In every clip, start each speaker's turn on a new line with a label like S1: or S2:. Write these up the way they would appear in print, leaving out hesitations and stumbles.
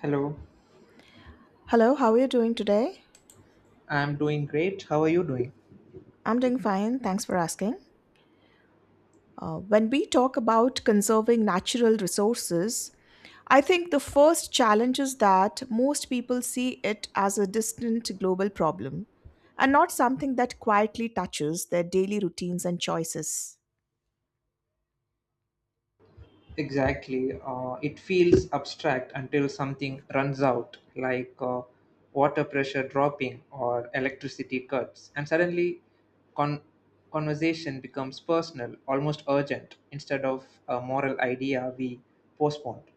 S1: Hello,
S2: Hello, how are you doing today?
S1: I'm doing great. How are you doing?
S2: I'm doing fine, thanks for asking. When we talk about conserving natural resources, I think the first challenge is that most people see it as a distant global problem and not something that quietly touches their daily routines and choices.
S1: Exactly. It feels abstract until something runs out, like water pressure dropping or electricity cuts, and suddenly con- conversation becomes personal, almost urgent, instead of a moral idea we postponed.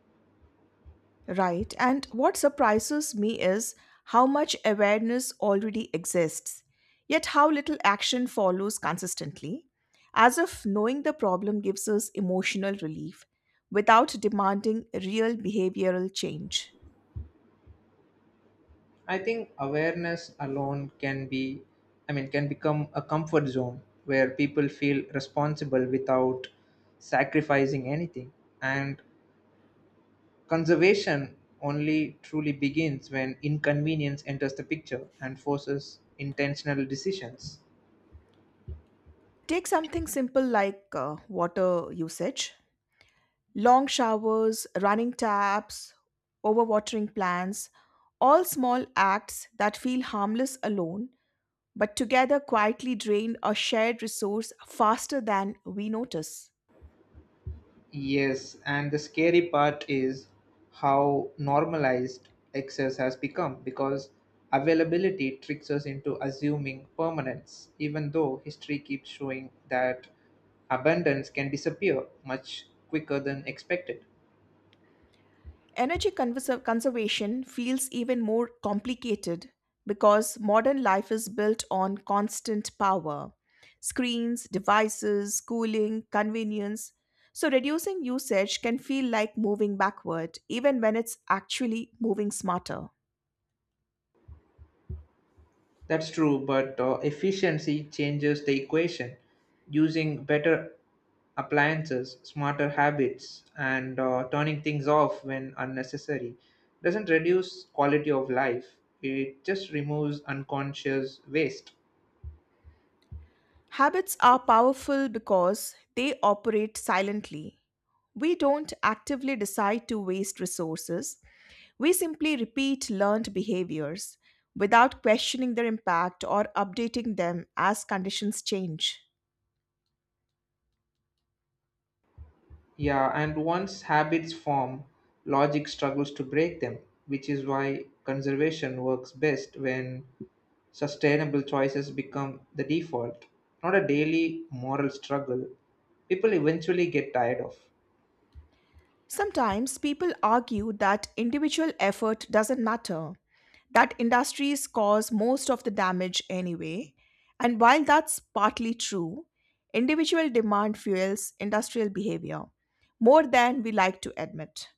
S2: Right, and what surprises me is how much awareness already exists, yet how little action follows consistently, as if knowing the problem gives us emotional relief without demanding real behavioral change.
S1: I think awareness alone can be, can become a comfort zone where people feel responsible without sacrificing anything. And conservation only truly begins when inconvenience enters the picture and forces intentional decisions.
S2: Take something simple like water usage, long showers, running taps, overwatering plants, all small acts that feel harmless alone but together quietly drain a shared resource faster than we notice.
S1: Yes, and the scary part is how normalized excess has become because availability tricks us into assuming permanence, even though history keeps showing that abundance can disappear much quicker than expected.
S2: Energy conservation feels even more complicated because modern life is built on constant power, screens, devices, cooling, convenience. So, reducing usage can feel like moving backward, even when it's actually moving smarter.
S1: That's true, but efficiency changes the equation. Using better appliances, smarter habits, and turning things off when unnecessary doesn't reduce quality of life. It just removes unconscious waste.
S2: Habits are powerful because they operate silently. We don't actively decide to waste resources, we simply repeat learned behaviors without questioning their impact or updating them as conditions change.
S1: Yeah, and once habits form, logic struggles to break them, which is why conservation works best when sustainable choices become the default, not a daily moral struggle people eventually get tired of.
S2: Sometimes people argue that individual effort doesn't matter, that industries cause most of the damage anyway. And while that's partly true, individual demand fuels industrial behavior more than we like to admit.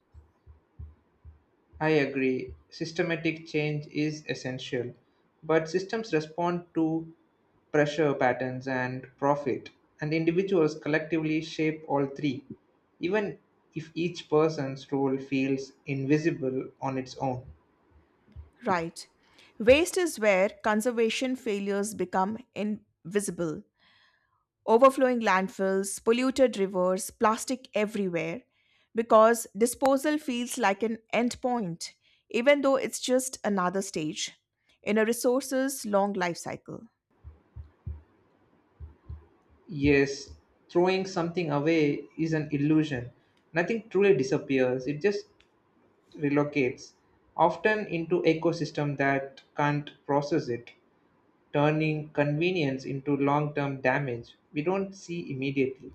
S1: I agree. Systematic change is essential, but systems respond to pressure patterns and profit, and individuals collectively shape all three, even if each person's role feels invisible on its own.
S2: Right. Waste is where conservation failures become invisible, overflowing landfills, polluted rivers, plastic everywhere, because disposal feels like an endpoint, even though it's just another stage in a resource's long life cycle.
S1: Yes, throwing something away is an illusion. Nothing truly disappears, it just relocates, often into ecosystem that can't process it, turning convenience into long term damage we don't see immediately.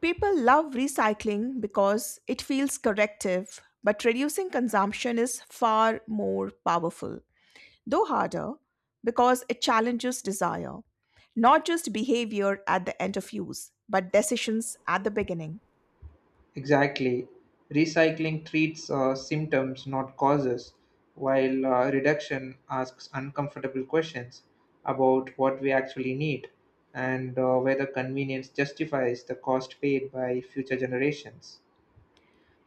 S2: People love recycling because it feels corrective, but reducing consumption is far more powerful, though harder, because it challenges desire. Not just behavior at the end of use, but decisions at the beginning.
S1: Exactly. Recycling treats symptoms, not causes, while reduction asks uncomfortable questions about what we actually need and whether convenience justifies the cost paid by future generations.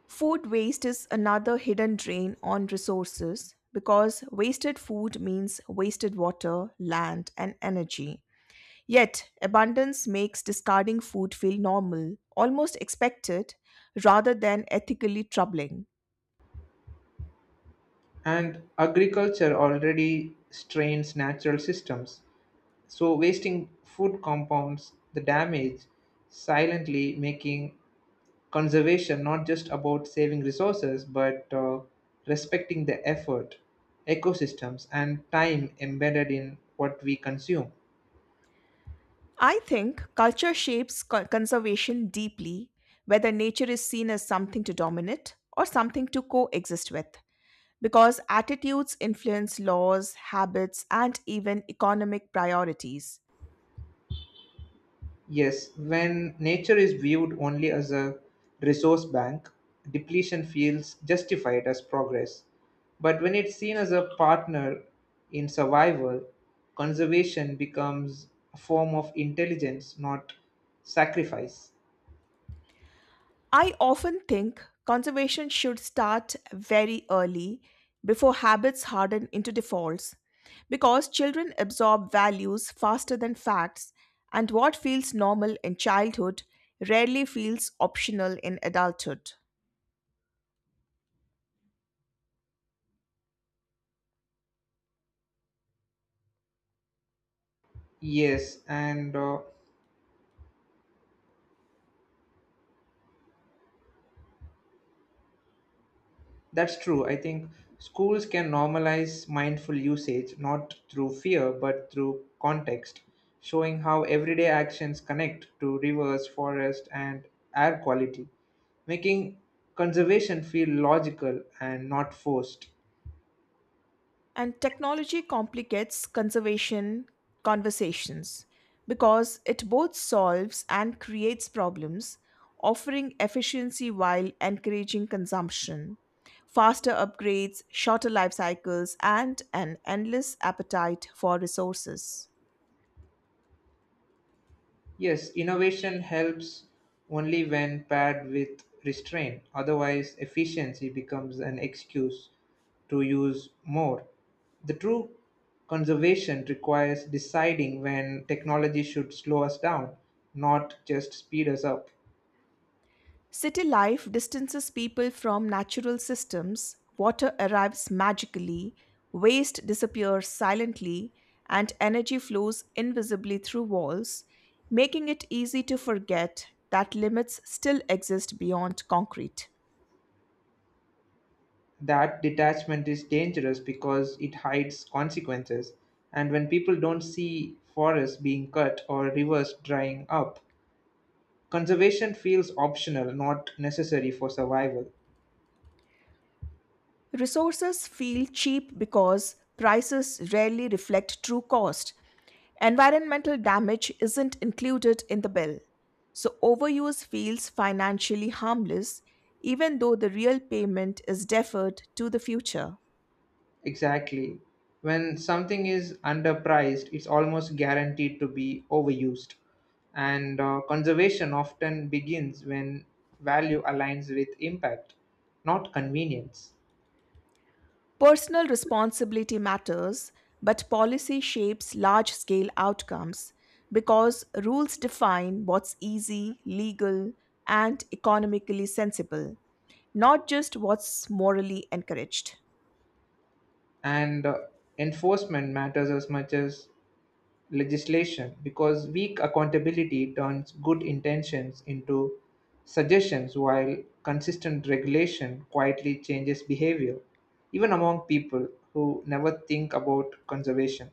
S2: Food waste is another hidden drain on resources because wasted food means wasted water, land, and energy. Yet, abundance makes discarding food feel normal, almost expected, rather than ethically troubling.
S1: And agriculture already strains natural systems, so wasting food compounds the damage silently, making conservation not just about saving resources but respecting the effort ecosystems and time embedded in what we consume.
S2: I think culture shapes conservation deeply, whether nature is seen as something to dominate or something to coexist with, because attitudes influence laws, habits, and even economic priorities.
S1: Yes, when nature is viewed only as a resource bank, depletion feels justified as progress, but when it's seen as a partner in survival, conservation becomes a form of intelligence, not sacrifice.
S2: I often think conservation should start very early before habits harden into defaults because children absorb values faster than facts, and what feels normal in childhood rarely feels optional in adulthood.
S1: Yes and That's true. I think schools can normalize mindful usage not through fear but through context, showing how everyday actions connect to rivers, forest, and air quality, making conservation feel logical and not forced.
S2: And technology complicates conservation conversations because it both solves and creates problems, offering efficiency while encouraging consumption, faster upgrades, shorter life cycles, and an endless appetite for resources.
S1: Yes, innovation helps only when paired with restraint. Otherwise, efficiency becomes an excuse to use more. The true conservation requires deciding when technology should slow us down, not just speed us up.
S2: City life distances people from natural systems, water arrives magically, waste disappears silently, and energy flows invisibly through walls, making it easy to forget that limits still exist beyond concrete.
S1: That detachment is dangerous because it hides consequences. And when people don't see forests being cut or rivers drying up, conservation feels optional, not necessary for survival.
S2: Resources feel cheap because prices rarely reflect true cost. Environmental damage isn't included in the bill. So overuse feels financially harmless, even though the real payment is deferred to the future.
S1: Exactly. When something is underpriced, it's almost guaranteed to be overused. And conservation often begins when value aligns with impact, not convenience.
S2: Personal responsibility matters, but policy shapes large scale outcomes because rules define what's easy, legal, and economically sensible, not just what's morally encouraged.
S1: And Enforcement matters as much as legislation because weak accountability turns good intentions into suggestions while consistent regulation quietly changes behavior, even among people who never think about conservation.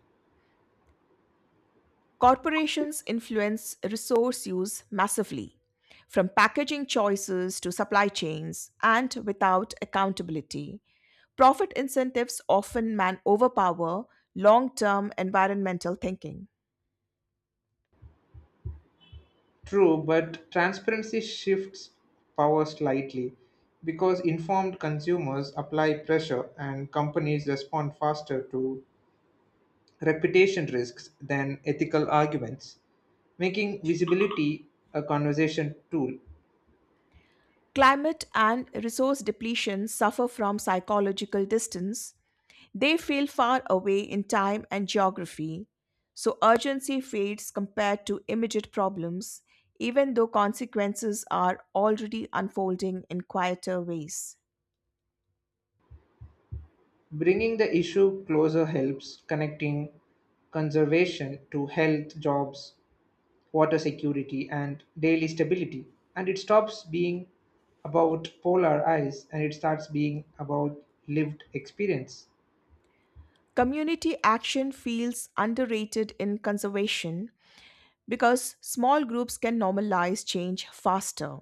S2: Corporations influence resource use massively, from packaging choices to supply chains, and without accountability. Profit incentives often man overpower long term environmental thinking.
S1: True, but transparency shifts power slightly because informed consumers apply pressure and companies respond faster to reputation risks than ethical arguments, making visibility a conversation tool.
S2: Climate and resource depletion suffer from psychological distance. They feel far away in time and geography, so urgency fades compared to immediate problems, even though consequences are already unfolding in quieter ways.
S1: Bringing the issue closer helps connecting conservation to health, jobs, water security, and daily stability. And it stops being about polar ice and it starts being about lived experience.
S2: Community action feels underrated in conservation because small groups can normalize change faster.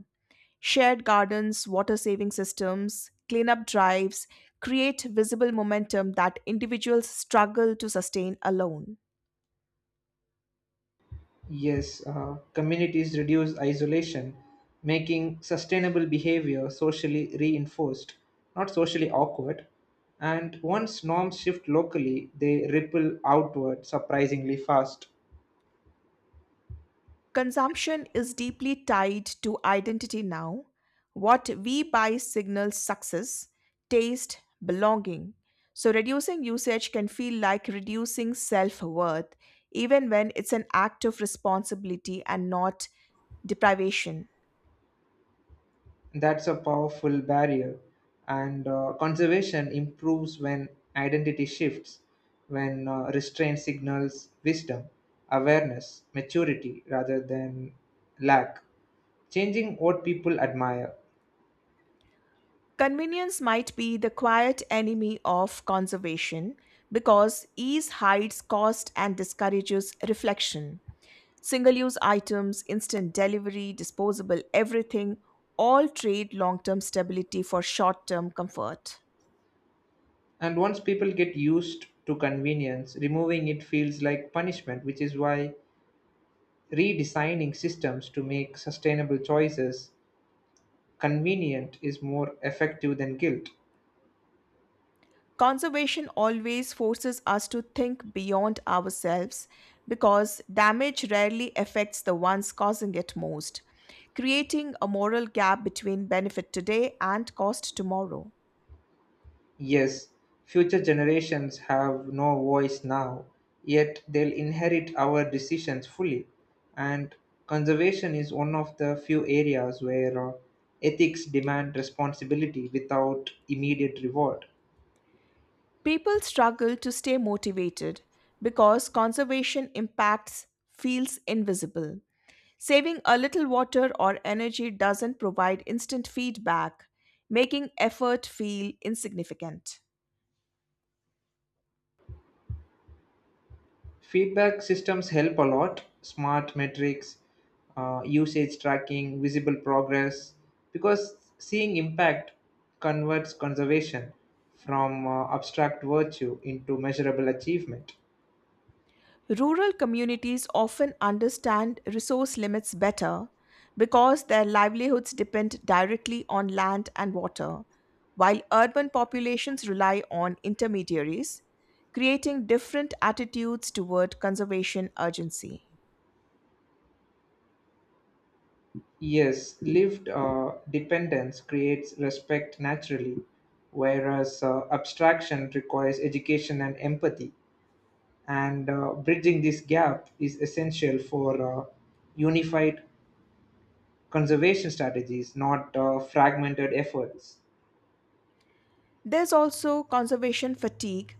S2: Shared gardens, water saving systems, cleanup drives create visible momentum that individuals struggle to sustain alone.
S1: Yes, communities reduce isolation, making sustainable behavior socially reinforced, not socially awkward. And once norms shift locally, they ripple outward surprisingly fast.
S2: Consumption is deeply tied to identity now. What we buy signals success, taste, belonging. So, reducing usage can feel like reducing self worth, even when it's an act of responsibility and not deprivation.
S1: That's a powerful barrier. And conservation improves when identity shifts, when restraint signals wisdom, awareness, maturity rather than lack, changing what people admire.
S2: Convenience might be the quiet enemy of conservation because ease hides cost and discourages reflection. Single use items, instant delivery, disposable everything all trade long term stability for short term comfort.
S1: And once people get used to convenience, removing it feels like punishment, which is why redesigning systems to make sustainable choices convenient is more effective than guilt.
S2: Conservation always forces us to think beyond ourselves because damage rarely affects the ones causing it most, creating a moral gap between benefit today and cost tomorrow.
S1: Yes, future generations have no voice now, yet they'll inherit our decisions fully. And conservation is one of the few areas where ethics demand responsibility without immediate reward.
S2: People struggle to stay motivated because conservation impacts feels invisible. Saving a little water or energy doesn't provide instant feedback, making effort feel insignificant.
S1: Feedback systems help a lot, smart metrics, usage tracking, visible progress, because seeing impact converts conservation from abstract virtue into measurable achievement.
S2: Rural communities often understand resource limits better because their livelihoods depend directly on land and water, while urban populations rely on intermediaries, creating different attitudes toward conservation urgency.
S1: Yes, lived dependence creates respect naturally, whereas abstraction requires education and empathy. And bridging this gap is essential for unified conservation strategies, not fragmented efforts.
S2: There's also conservation fatigue.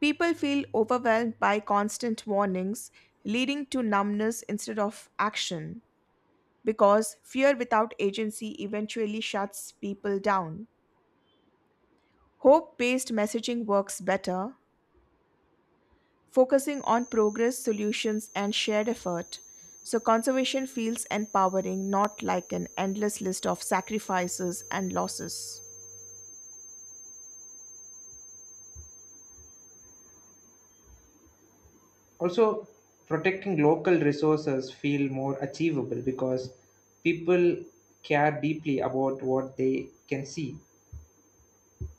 S2: People feel overwhelmed by constant warnings, leading to numbness instead of action, because fear without agency eventually shuts people down. Hope based messaging works better, focusing on progress, solutions, and shared effort. So, conservation feels empowering, not like an endless list of sacrifices and losses.
S1: Also, protecting local resources feel more achievable because people care deeply about what they can see,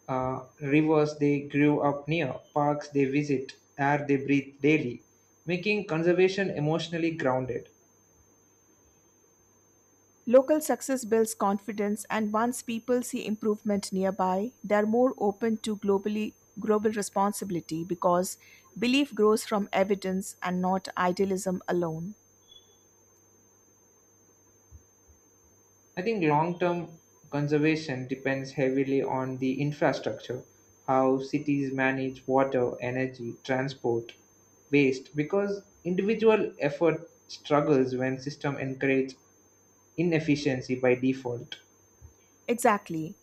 S1: rivers they grew up near, parks they visit, air they breathe daily, making conservation emotionally grounded.
S2: Local success builds confidence, and once people see improvement nearby, they are more open to globally global responsibility because belief grows from evidence and not idealism alone.
S1: I think long term conservation depends heavily on the infrastructure, how cities manage water, energy, transport, waste, because individual effort struggles when system encourage inefficiency by default.
S2: Exactly.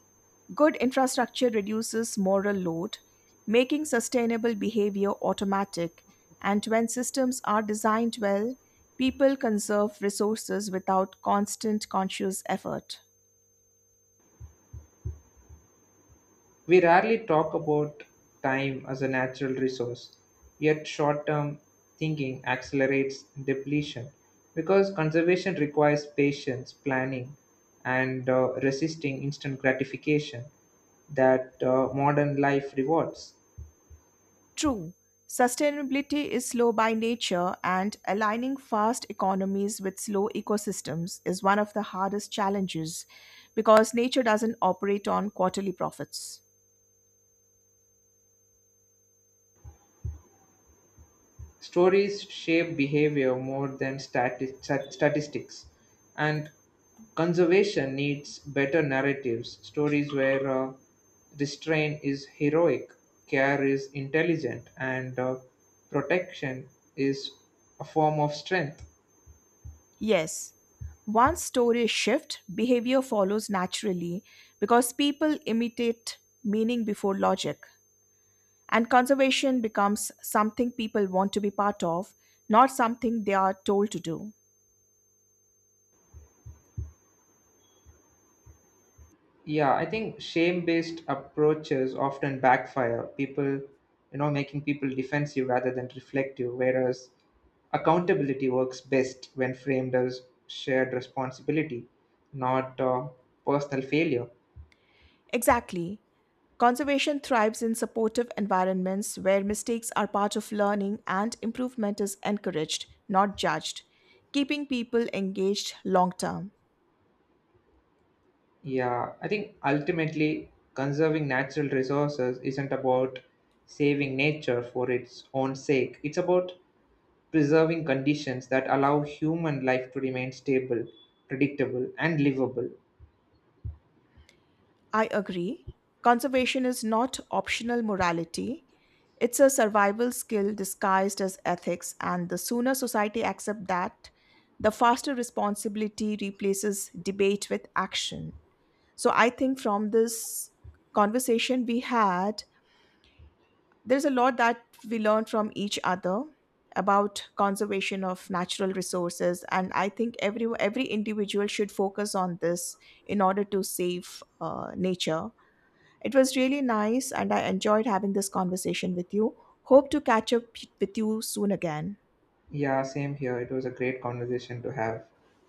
S2: Good infrastructure reduces moral load, making sustainable behavior automatic, and when systems are designed well, people conserve resources without constant conscious effort.
S1: We rarely talk about time as a natural resource, yet, short term thinking accelerates depletion because conservation requires patience, planning, and resisting instant gratification that modern life rewards.
S2: True, sustainability is slow by nature, and aligning fast economies with slow ecosystems is one of the hardest challenges because nature doesn't operate on quarterly profits.
S1: Stories shape behavior more than statistics, and conservation needs better narratives, stories where restraint is heroic, care is intelligent, and protection is a form of strength.
S2: Yes, once stories shift, behavior follows naturally because people imitate meaning before logic, and conservation becomes something people want to be part of, not something they are told to do.
S1: Yeah, I think shame-based approaches often backfire. People, making people defensive rather than reflective, whereas accountability works best when framed as shared responsibility, not personal failure.
S2: Exactly. Conservation thrives in supportive environments where mistakes are part of learning and improvement is encouraged, not judged, keeping people engaged long term.
S1: Yeah, I think ultimately conserving natural resources isn't about saving nature for its own sake. It's about preserving conditions that allow human life to remain stable, predictable, and livable.
S2: I agree. Conservation is not optional morality. It's a survival skill disguised as ethics, and the sooner society accepts that, the faster responsibility replaces debate with action. So I think from this conversation we had, there's a lot that we learn from each other about conservation of natural resources, and I think every individual should focus on this in order to save nature. It was really nice and I enjoyed having this conversation with you. Hope to catch up with you soon again.
S1: Yeah, same here. It was a great conversation to have.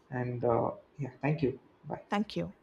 S1: And yeah, thank you. Bye.
S2: Thank you.